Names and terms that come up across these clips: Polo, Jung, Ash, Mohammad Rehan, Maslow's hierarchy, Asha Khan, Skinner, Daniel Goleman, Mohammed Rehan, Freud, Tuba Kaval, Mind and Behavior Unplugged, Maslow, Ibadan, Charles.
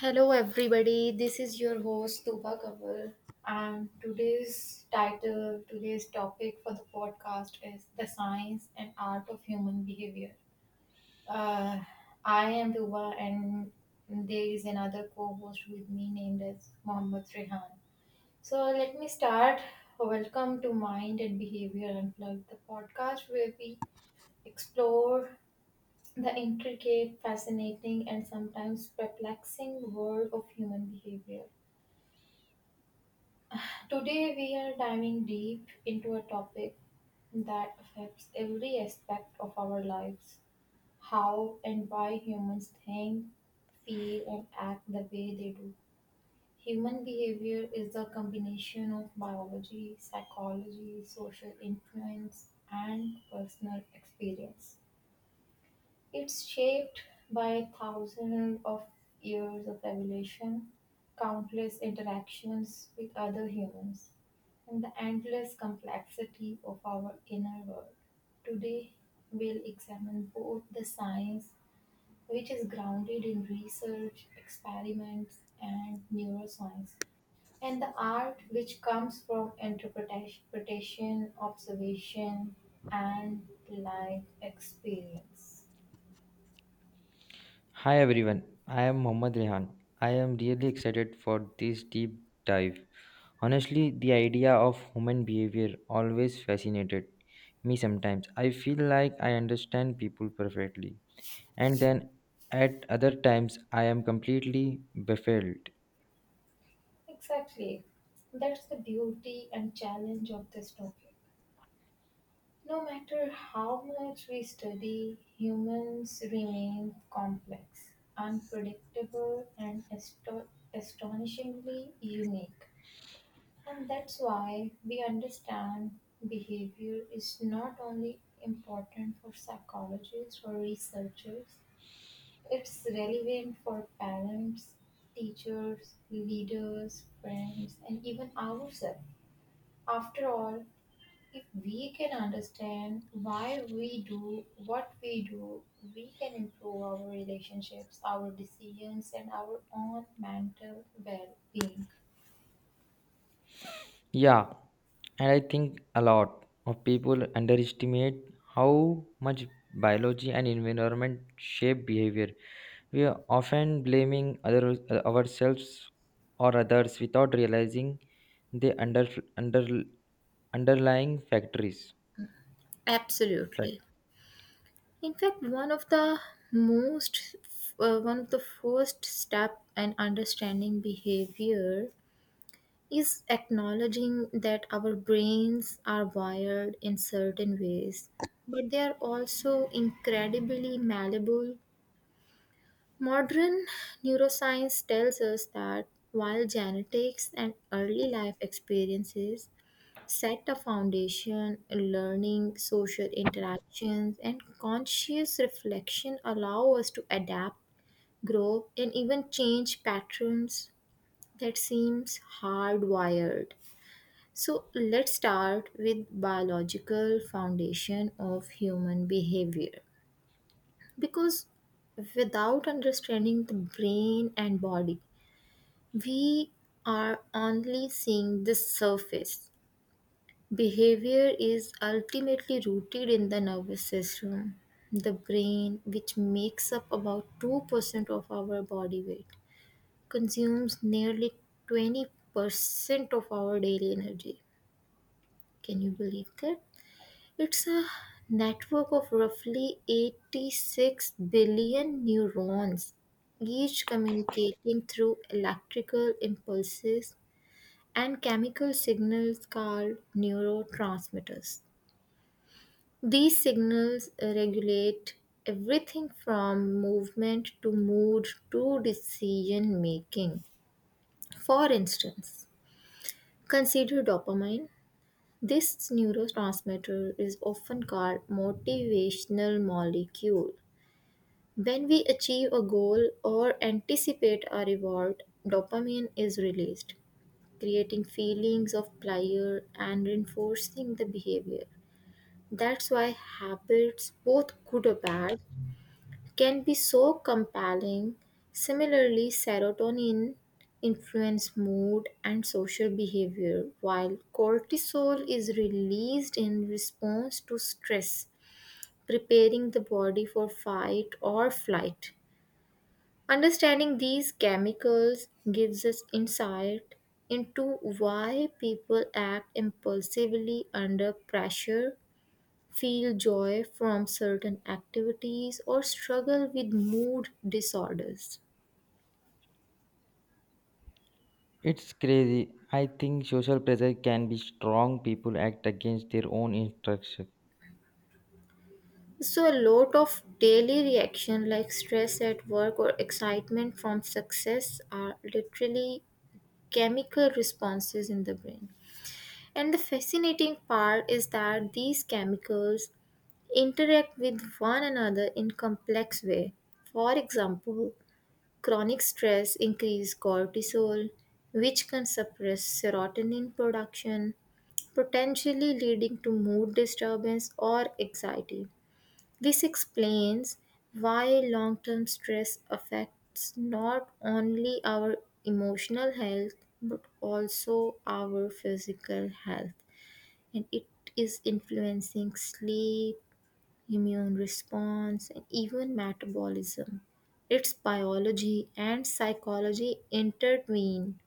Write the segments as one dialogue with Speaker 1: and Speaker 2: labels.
Speaker 1: Hello, everybody. This is your host, Tuba Kaval. And today's title, today's topic for the podcast is The Science and Art of Human Behavior. Uh, I am Tuba, and there is another co host with me named as Mohammed Rehan. So, let me start. Welcome to Mind and Behavior Unplugged, the podcast where we explore the intricate, fascinating, and sometimes perplexing world of human behavior. Today, we are diving deep into a topic that affects every aspect of our lives, how and why humans think, feel, and act the way they do. Human behavior is the combination of biology, psychology, social influence, and personal experience. It's shaped by thousands of years of evolution, countless interactions with other humans, and the endless complexity of our inner world. Today, we'll examine both the science, which is grounded in research, experiments, and neuroscience, and the art, which comes from interpretation, observation, and life experience.
Speaker 2: Hi everyone, I am Mohammad Rehan. I am really excited for this deep dive. Honestly, the idea of human behavior always fascinated me sometimes. I feel like I understand people perfectly, and then at other times I am completely baffled.
Speaker 1: Exactly. That's the beauty and challenge of this topic. No matter how much we study, humans remain complex, unpredictable, and astonishingly unique. And that's why we understand behavior is not only important for psychologists or researchers, it's relevant for parents, teachers, leaders, friends, and even ourselves. After all, if we can understand why we do what we do, we can improve our relationships, our decisions, and our own mental well being.
Speaker 2: Yeah, and I think a lot of people underestimate how much biology and environment shape behavior. We are often blaming other, ourselves or others without realizing the under, underlying factories. Fact.
Speaker 1: Absolutely. In fact, most, one of the first step in understanding behavior is acknowledging that our brains are wired in certain ways, but they are also incredibly malleable. Modern neuroscience tells us that while genetics and early life experiences set a foundation, learning, social interactions, and conscious reflection allow us to adapt, grow, and even change patterns that seems hardwired. So let's start with biological foundation of human behavior because without understanding the brain and body we are only seeing the surface. Behavior is ultimately rooted in the nervous system, the brain, which makes up about 2% of our body weight, consumes nearly 20% of our daily energy. Can you believe that? It's a network of roughly 86 billion neurons, each communicating through electrical impulses and chemical signals called neurotransmitters. These signals regulate everything from movement to mood to decision making. For instance, consider dopamine. This neurotransmitter is often called motivational molecule. When we achieve a goal or anticipate a reward, dopamine is released, creating feelings of pleasure and reinforcing the behavior. That's why habits, both good or bad, can be so compelling. Similarly, serotonin influence mood and social behavior, while cortisol is released in response to stress, preparing the body for fight or flight. Understanding these chemicals gives us insight into why people act impulsively under pressure, feel joy from certain activities, or struggle with mood disorders.
Speaker 2: It's crazy. I think social pressure can be strong. People act against their own instruction.
Speaker 1: So, a lot of daily reaction like stress at work or excitement from success are literally chemical responses in the brain. And the fascinating part is that these chemicals interact with one another in complex way. For example, chronic stress increase cortisol, which can suppress serotonin production, potentially leading to mood disturbance or anxiety. This explains why long-term stress affects not only our emotional health but also our physical health and it is influencing sleep, immune response, and even metabolism. Its biology and psychology intertwine.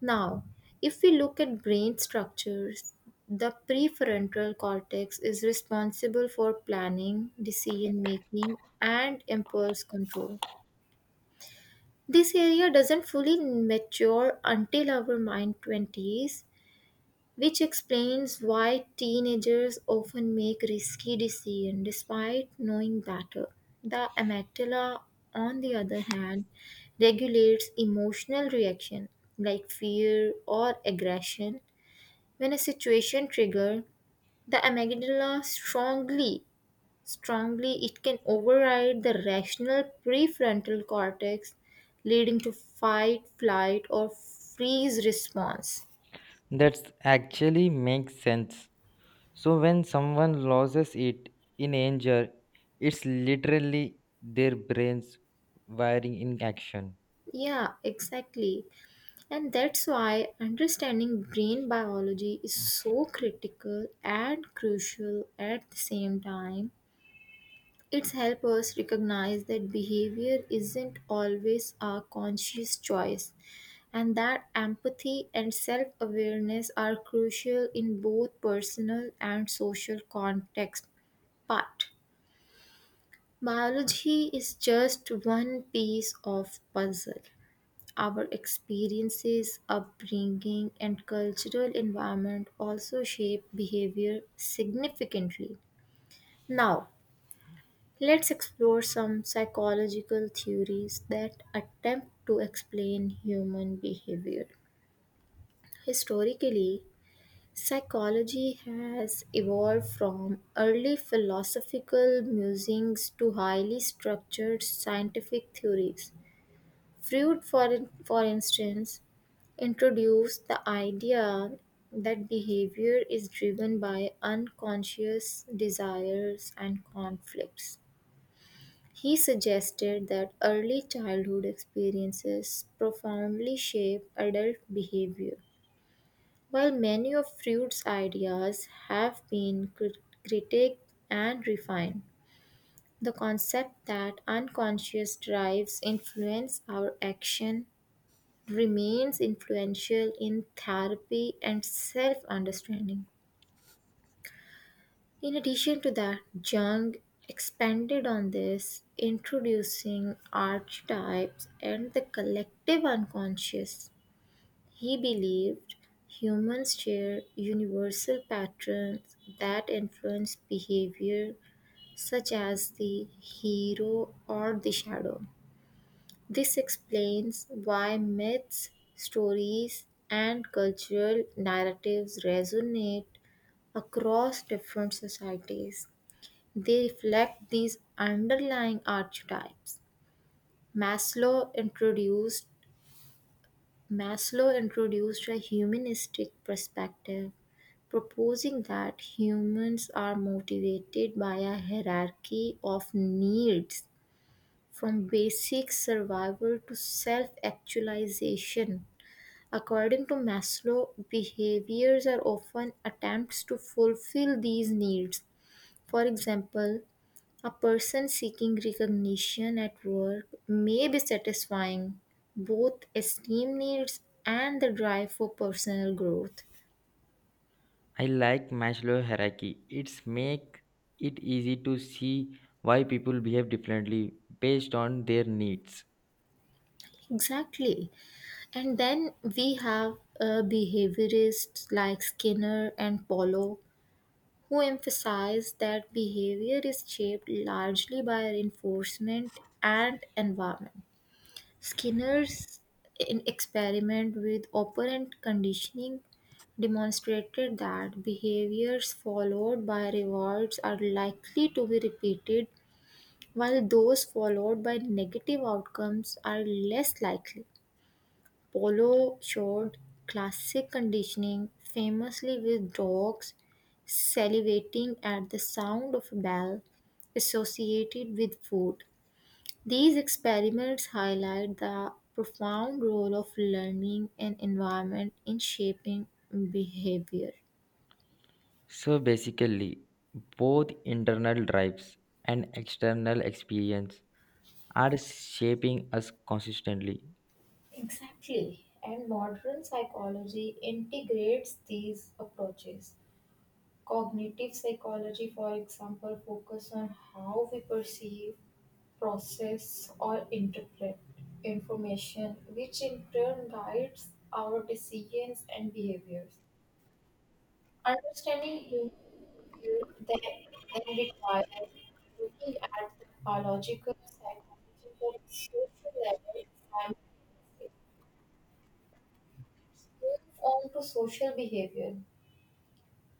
Speaker 1: Now, if we look at brain structures, the prefrontal cortex is responsible for planning, decision making, and impulse control. This area doesn't fully mature until our mind 20s, which explains why teenagers often make risky decisions despite knowing better. The amygdala, on the other hand, regulates emotional reaction like fear or aggression. When a situation triggers the amygdala strongly it can override the rational prefrontal cortex, leading to fight, flight, or freeze response.
Speaker 2: That actually makes sense. So when someone loses it in anger, it's literally their brains wiring in action.
Speaker 1: Yeah, exactly. And that's why understanding brain biology is so critical and crucial at the same time. It's helps us recognize that behavior isn't always a conscious choice and that empathy and self-awareness are crucial in both personal and social context. But biology is just one piece of puzzle. Our experiences, upbringing, and cultural environment also shape behavior significantly. Now, let's explore some psychological theories that attempt to explain human behavior. Historically, psychology has evolved from early philosophical musings to highly structured scientific theories. Freud, for instance, introduced the idea that behavior is driven by unconscious desires and conflicts. He suggested that early childhood experiences profoundly shape adult behavior. While many of Freud's ideas have been critiqued and refined, the concept that unconscious drives influence our action remains influential in therapy and self understanding. In addition to that, Jung expanded on this, introducing archetypes and the collective unconscious. He believed humans share universal patterns that influence behavior, such as the hero or the shadow. This explains why myths, stories, and cultural narratives resonate across different societies. They reflect these underlying archetypes. Maslow introduced Maslow introduced a humanistic perspective, proposing that humans are motivated by a hierarchy of needs, from basic survival to self actualization. According to Maslow, behaviors are often attempts to fulfill these needs. For example, a person seeking recognition at work may be satisfying both esteem needs and the drive for personal growth.
Speaker 2: I like Maslow's hierarchy. It's make it easy to see why people behave differently based on their needs.
Speaker 1: Exactly. And then we have behaviorists like Skinner and Polo who emphasize that behavior is shaped largely by reinforcement and environment. Skinner's experiment with operant conditioning demonstrated that behaviors followed by rewards are likely to be repeated, while those followed by negative outcomes are less likely. Polo showed classic conditioning, famously with dogs salivating at the sound of a bell associated with food. These experiments highlight the profound role of learning and environment in shaping behavior.
Speaker 2: So basically, both internal drives and external experience are shaping us consistently.
Speaker 1: Exactly. And modern psychology integrates these approaches. Cognitive psychology, for example, focus on how we perceive, process, or interpret information, which in turn guides our decisions and behaviors. Understanding you then, then requires looking at the biological, psychological, and social level and it moves on to social behavior,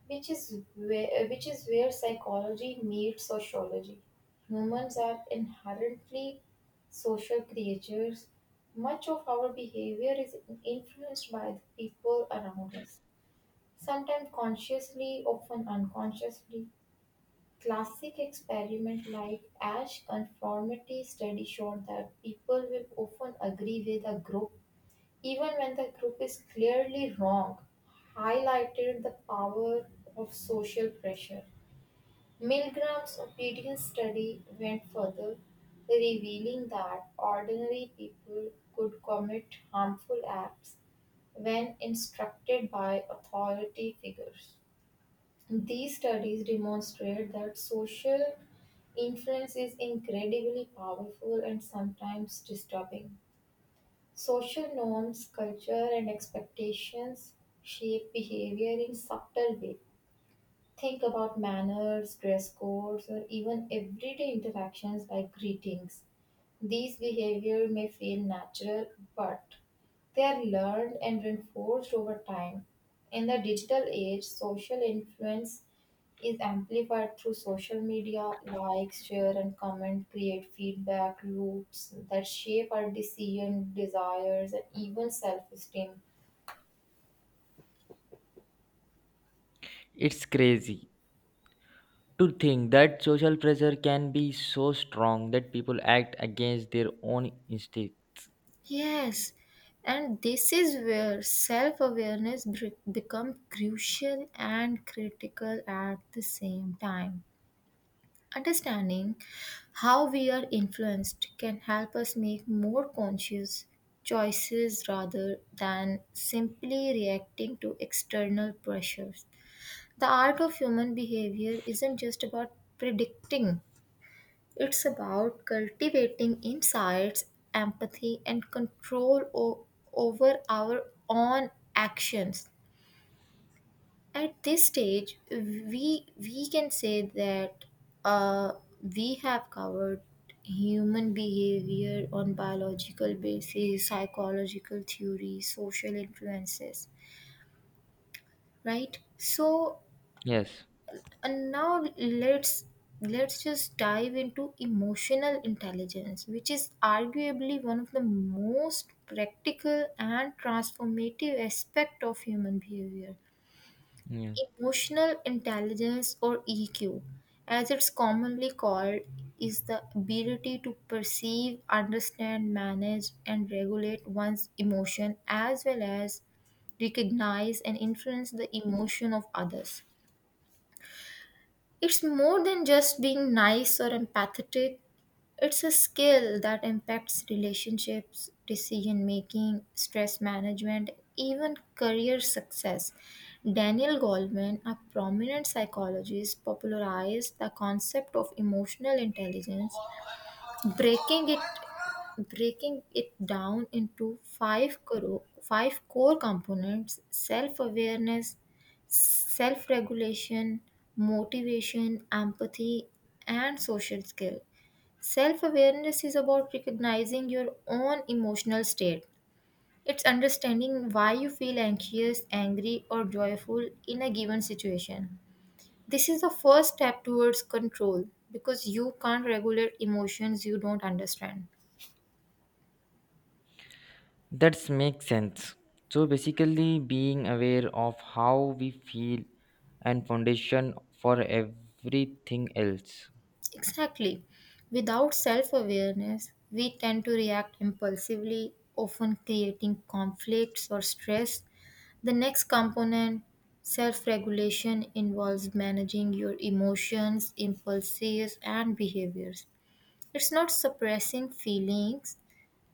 Speaker 1: which is where psychology meets sociology. Humans are inherently social creatures. Much of our behavior is influenced by the people around us, sometimes consciously, often unconsciously. Classic experiments like Ash conformity study showed that people will often agree with a group even when the group is clearly wrong, highlighted the power of social pressure. Milgram's obedience study went further, revealing that ordinary people could commit harmful acts when instructed by authority figures. These studies demonstrate that social influence is incredibly powerful and sometimes disturbing. Social norms, culture, and expectations shape behavior in subtle ways. Think about manners, dress codes, or even everyday interactions like greetings. These behavior may feel natural, but they are learned and reinforced over time. In the digital age, social influence is amplified through social media, likes, share, and comment create feedback loops that shape our decision, desires, and even self esteem.
Speaker 2: It's crazy to think that social pressure can be so strong that people act against their own instinct.
Speaker 1: Yes, and this is where self awareness becomes crucial and critical at the same time. Understanding how we are influenced can help us make more conscious choices rather than simply reacting to external pressures. The art of human behavior isn't just about predicting, it's about cultivating insights, empathy, and control over our own actions. At this stage we can say that uh, we have covered human behavior on biological basis, psychological theory, social influences, right? So
Speaker 2: Yes,
Speaker 1: and now let's just dive into emotional intelligence, which is arguably one of the most practical and transformative aspect of human behavior.
Speaker 2: yeah.
Speaker 1: Emotional intelligence, or EQ, as it's commonly called, is the ability to perceive, understand, manage, and regulate one's emotion as well as recognize and influence the emotion of others. It's more than just being nice or empathetic, it's a skill that impacts relationships, decision making, stress management, even career success. Daniel Goleman, a prominent psychologist, popularized the concept of emotional intelligence, breaking it breaking it down into five core components: self-awareness, self-regulation, motivation, empathy, and social skill. Self awareness is about recognizing your own emotional state. It's understanding why you feel anxious, angry, or joyful in a given situation. This is the first step towards control because you can't regulate emotions you don't understand.
Speaker 2: That makes sense. So basically being aware of how we feel and foundation for everything else.
Speaker 1: Exactly. Without self awareness, we tend to react impulsively, often creating conflicts or stress. The next component, self regulation, involves managing your emotions, impulses, and behaviors. It's not suppressing feelings,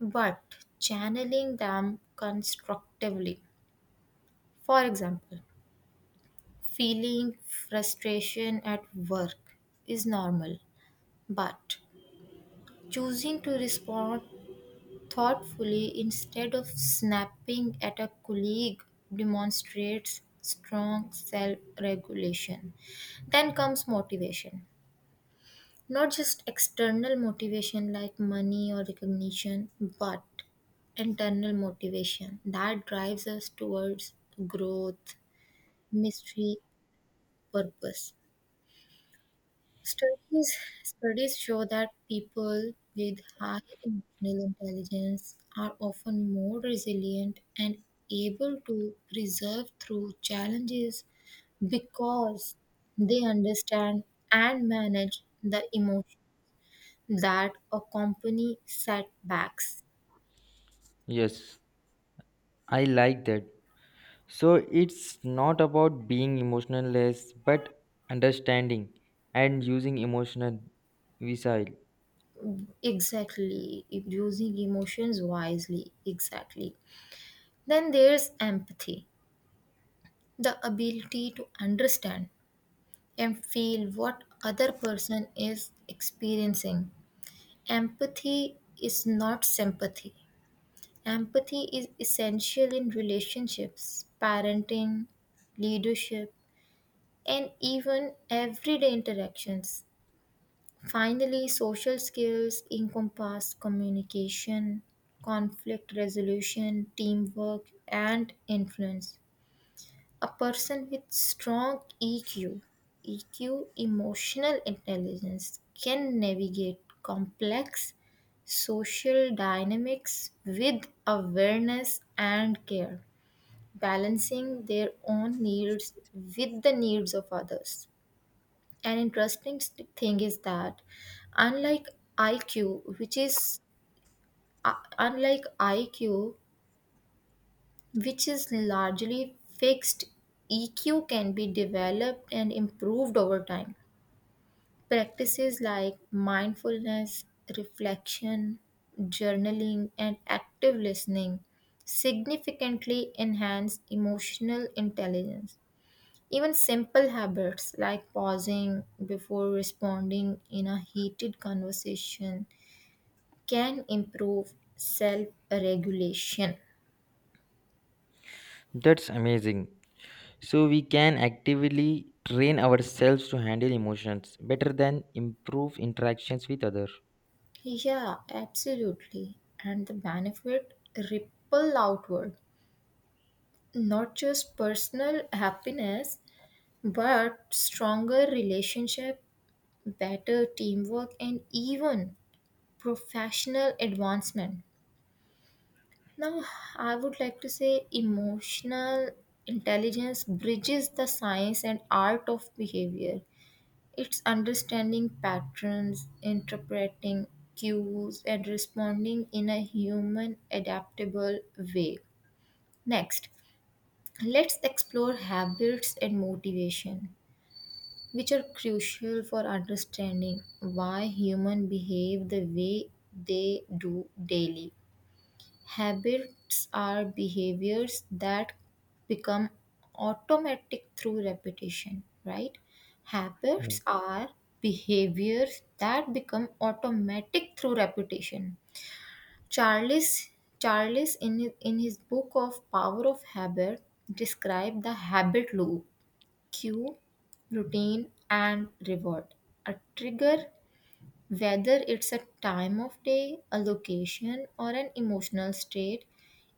Speaker 1: but channeling them constructively. For example, feeling frustration at work is normal, but choosing to respond thoughtfully instead of snapping at a colleague demonstrates strong self regulation. Then comes motivation. Not just external motivation like money or recognition, but internal motivation that drives us towards growth, mystery, purpose. Studies studies show that people with high emotional intelligence are often more resilient and able to persevere through challenges because they understand and manage the emotion that accompany setbacks.
Speaker 2: Yes, I like that. So it's not about being emotionless but understanding and using emotional wisdom.
Speaker 1: Exactly, using emotions wisely. Exactly. Then there's empathy, the ability to understand and feel what other person is experiencing. Empathy is not sympathy. Empathy is essential in relationships, parenting, leadership, and even everyday interactions. Finally, social skills encompass communication, conflict resolution, teamwork, and influence. A person with strong EQ, emotional intelligence, can navigate complex social dynamics with awareness and care, balancing their own needs with the needs of others. An interesting thing is that, unlike IQ, which is uh, unlike IQ, largely fixed, EQ can be developed and improved over time. Practices like mindfulness, reflection, journaling, and active listening significantly enhance emotional intelligence. Even simple habits like pausing before responding in a heated conversation can improve self regulation.
Speaker 2: That's amazing. So we can actively train ourselves to handle emotions better than improve interactions with others.
Speaker 1: Yeah, absolutely. And the benefit ripple outward, not just personal happiness, but stronger relationship, better teamwork, and even professional advancement. Now, I would like to say emotional intelligence bridges the science and art of behavior. It's understanding patterns, interpreting cues, and responding in a human adaptable way. Next, let's explore habits and motivation, which are crucial for understanding why humans behave the way they do daily. Habits are behaviors that become automatic through repetition, right?
Speaker 2: Yeah.
Speaker 1: Habits are behaviors that become automatic through repetition. Charles Charles in his book of Power of Habit described the habit loop, cue, routine, and reward. A trigger, whether it's a time of day, a location, or an emotional state,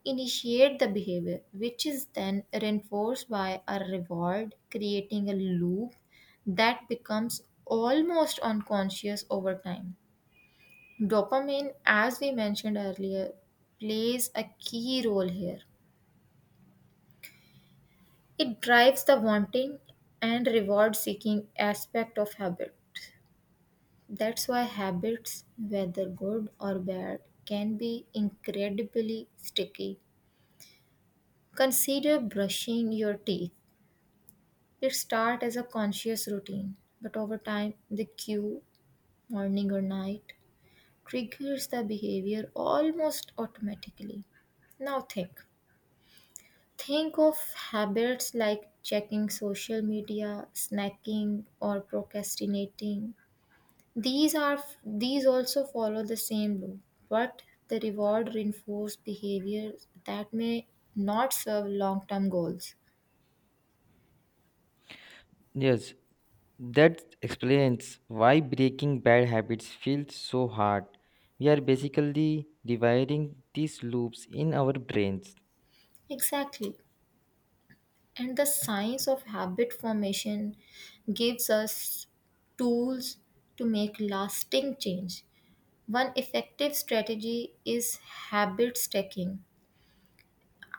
Speaker 1: initiate the behavior, which is then reinforced by a reward, creating a loop that becomes almost unconscious over time. Dopamine, as we mentioned earlier, plays a key role here. It drives the wanting and reward seeking aspect of habit. That's why habits, whether good or bad, can be incredibly sticky. Consider brushing your teeth. It starts as a conscious routine, but over time, the cue, morning or night, triggers the behavior almost automatically. Now think. Think of habits like checking social media, snacking, or procrastinating. These are, these also follow the same loop, but the reward reinforced behavior that may not serve long-term goals.
Speaker 2: Yes, that explains why breaking bad habits feels so hard. We are basically dividing these loops in our brains.
Speaker 1: Exactly. And the science of habit formation gives us tools to make lasting change. One effective strategy is habit stacking,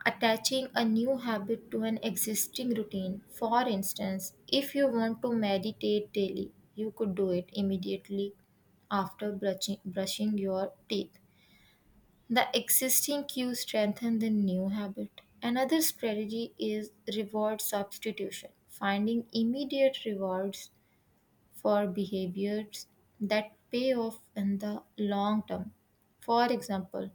Speaker 1: attaching a new habit to an existing routine. For instance, if you want to meditate daily, you could do it immediately after brushing your teeth. The existing cue strengthens the new habit. Another strategy is reward substitution, finding immediate rewards for behaviors that pay off in the long term. For example,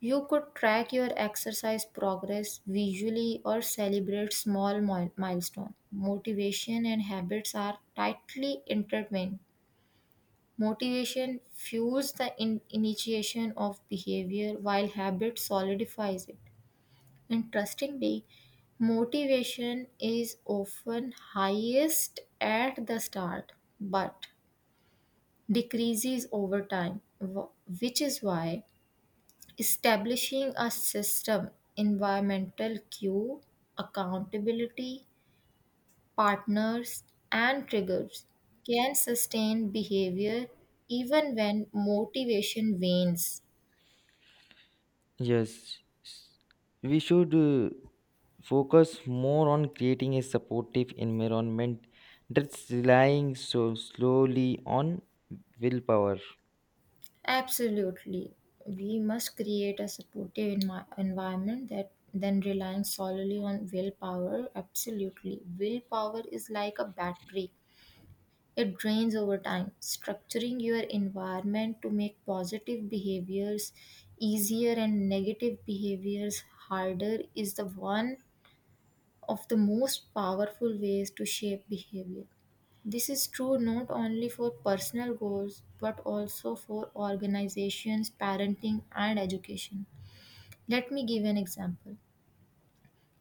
Speaker 1: you could track your exercise progress visually or celebrate small milestones. Motivation and habits are tightly intertwined. Motivation fuels the initiation of behavior while habit solidifies it. Interestingly, motivation is often highest at the start but decreases over time, which is why establishing a system, environmental cue, accountability, partners, and triggers can sustain behavior even when motivation wanes.
Speaker 2: Yes, s- we should focus more on creating a supportive environment that's relying so slowly on willpower.
Speaker 1: Absolutely. We must create a supportive environment that than relying solely on willpower. Absolutely. Willpower is like a battery. It drains over time. Structuring your environment to make positive behaviors easier and negative behaviors harder is the one of the most powerful ways to shape behavior. This is true not only for personal goals but also for organizations, parenting, and education. Let me give an example.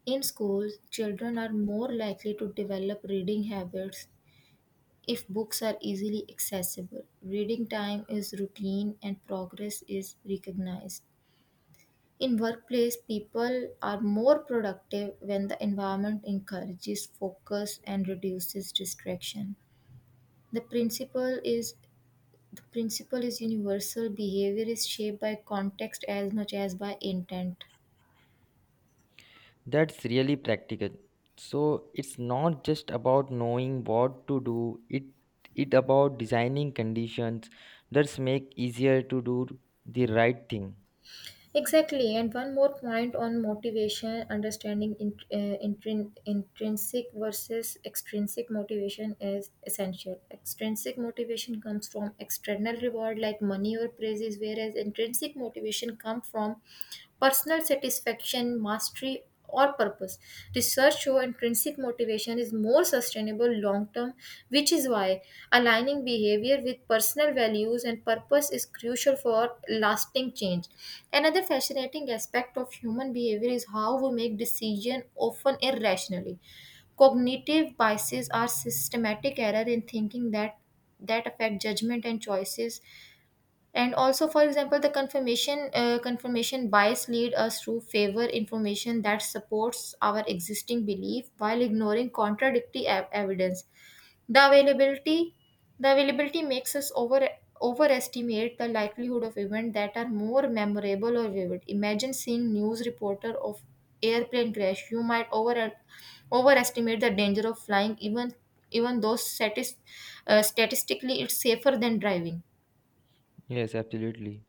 Speaker 1: In schools, children are more likely to develop reading habits if books are easily accessible, reading time is routine, and progress is recognized. In workplace, people are more productive when the environment encourages focus and reduces distraction. The principle is the principle is universal. Behavior is shaped by context as much as by intent.
Speaker 2: That's really practical. So it's not just about knowing what to do, it about designing conditions that make easier to do the right thing.
Speaker 1: Exactly, and one more point on motivation, understanding intrinsic versus extrinsic motivation is essential. Extrinsic motivation comes from external reward like money or praises, whereas intrinsic motivation comes from personal satisfaction, mastery, or purpose. Research show intrinsic motivation is more sustainable long term, which is why aligning behavior with personal values and purpose is crucial for lasting change. Another fascinating aspect of human behavior is how we make decisions, often irrationally. Cognitive biases are systematic error in thinking that affect judgment and choices. And also, for example, the confirmation bias lead us to favor information that supports our existing belief while ignoring contradictory evidence. the availability the availability makes us overestimate the likelihood of events that are more memorable or vivid. Imagine seeing news reporter of airplane crash, you might overestimate the danger of flying, even though statistically it's safer than driving.
Speaker 2: Yes, absolutely.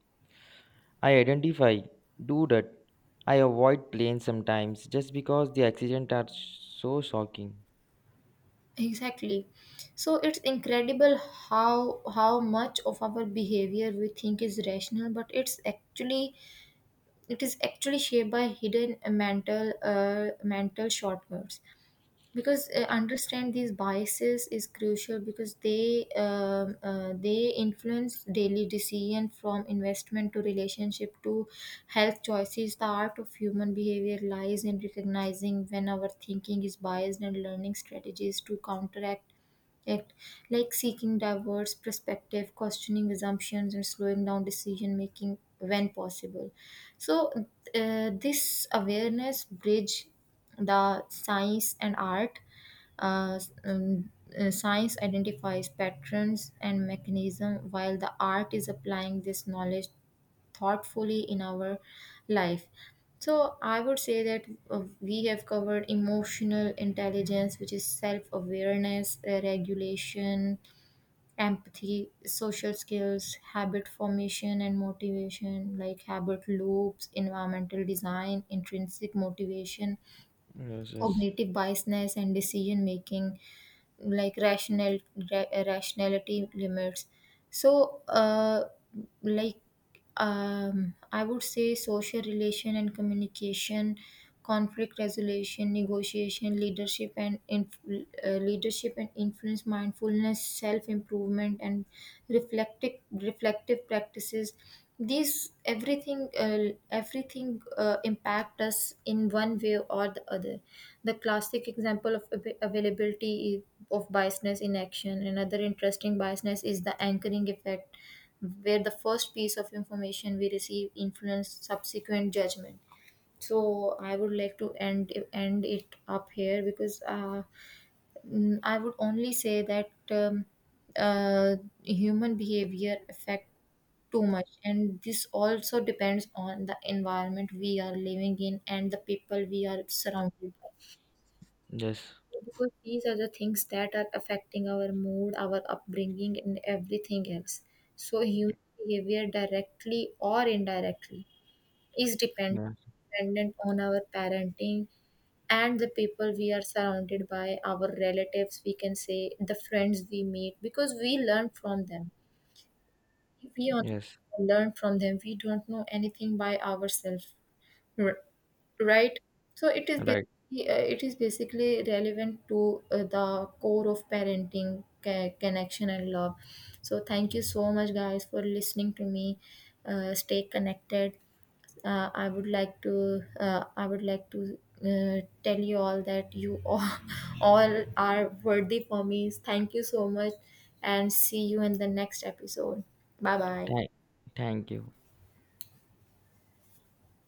Speaker 2: I identify, do that. I avoid planes sometimes just because the accidents are so shocking.
Speaker 1: Exactly. So it's incredible how much of our behavior we think is rational, but it is actually shaped by hidden mental shortcuts. Because understand these biases is crucial because they influence daily decision from investment to relationship to health choices. The art of human behavior lies in recognizing when our thinking is biased and learning strategies to counteract Act like seeking diverse perspective, questioning assumptions, and slowing down decision making when possible. So this awareness bridge the science and art. Uh, um, Science identifies patterns and mechanism, while the art is applying this knowledge thoughtfully in our life. So, I would say that we have covered emotional intelligence, which is self awareness, regulation, empathy, social skills, habit formation, and motivation, like habit loops, environmental design, intrinsic motivation,
Speaker 2: Yes, yes.
Speaker 1: cognitive biasness, and decision making, like rational rationality limits. So uh, like um, I would say social relation and communication, conflict resolution, negotiation, leadership and influence, mindfulness, self improvement, and reflective practices, these everything everything impact us in one way or the other. The classic example of availability of biasness in action. Another interesting biasness is the anchoring effect, where the first piece of information we receive influence subsequent judgment. So I would like to end it up here, because I would only say that uh, human behavior affect too much, and this also depends on the environment we are living in and the people we are surrounded by,
Speaker 2: Yes.
Speaker 1: because these are the things that are affecting our mood, our upbringing, and everything else. So human behavior, directly or indirectly, is depend-
Speaker 2: Yeah.
Speaker 1: dependent on our parenting and the people we are surrounded by, our relatives, we can say the friends we meet, because we learn from them. If we on-
Speaker 2: Yes.
Speaker 1: Learn from them, we don't know anything by ourselves. R- right. So
Speaker 2: Right.
Speaker 1: it is basically relevant to the core of parenting, connection, and love. So thank you so much guys for listening to me. Stay connected. I would like to tell you all that you all, all are worthy for me. Thank you so much, and see you in the next episode. Bye bye.
Speaker 2: Thank, Thank you.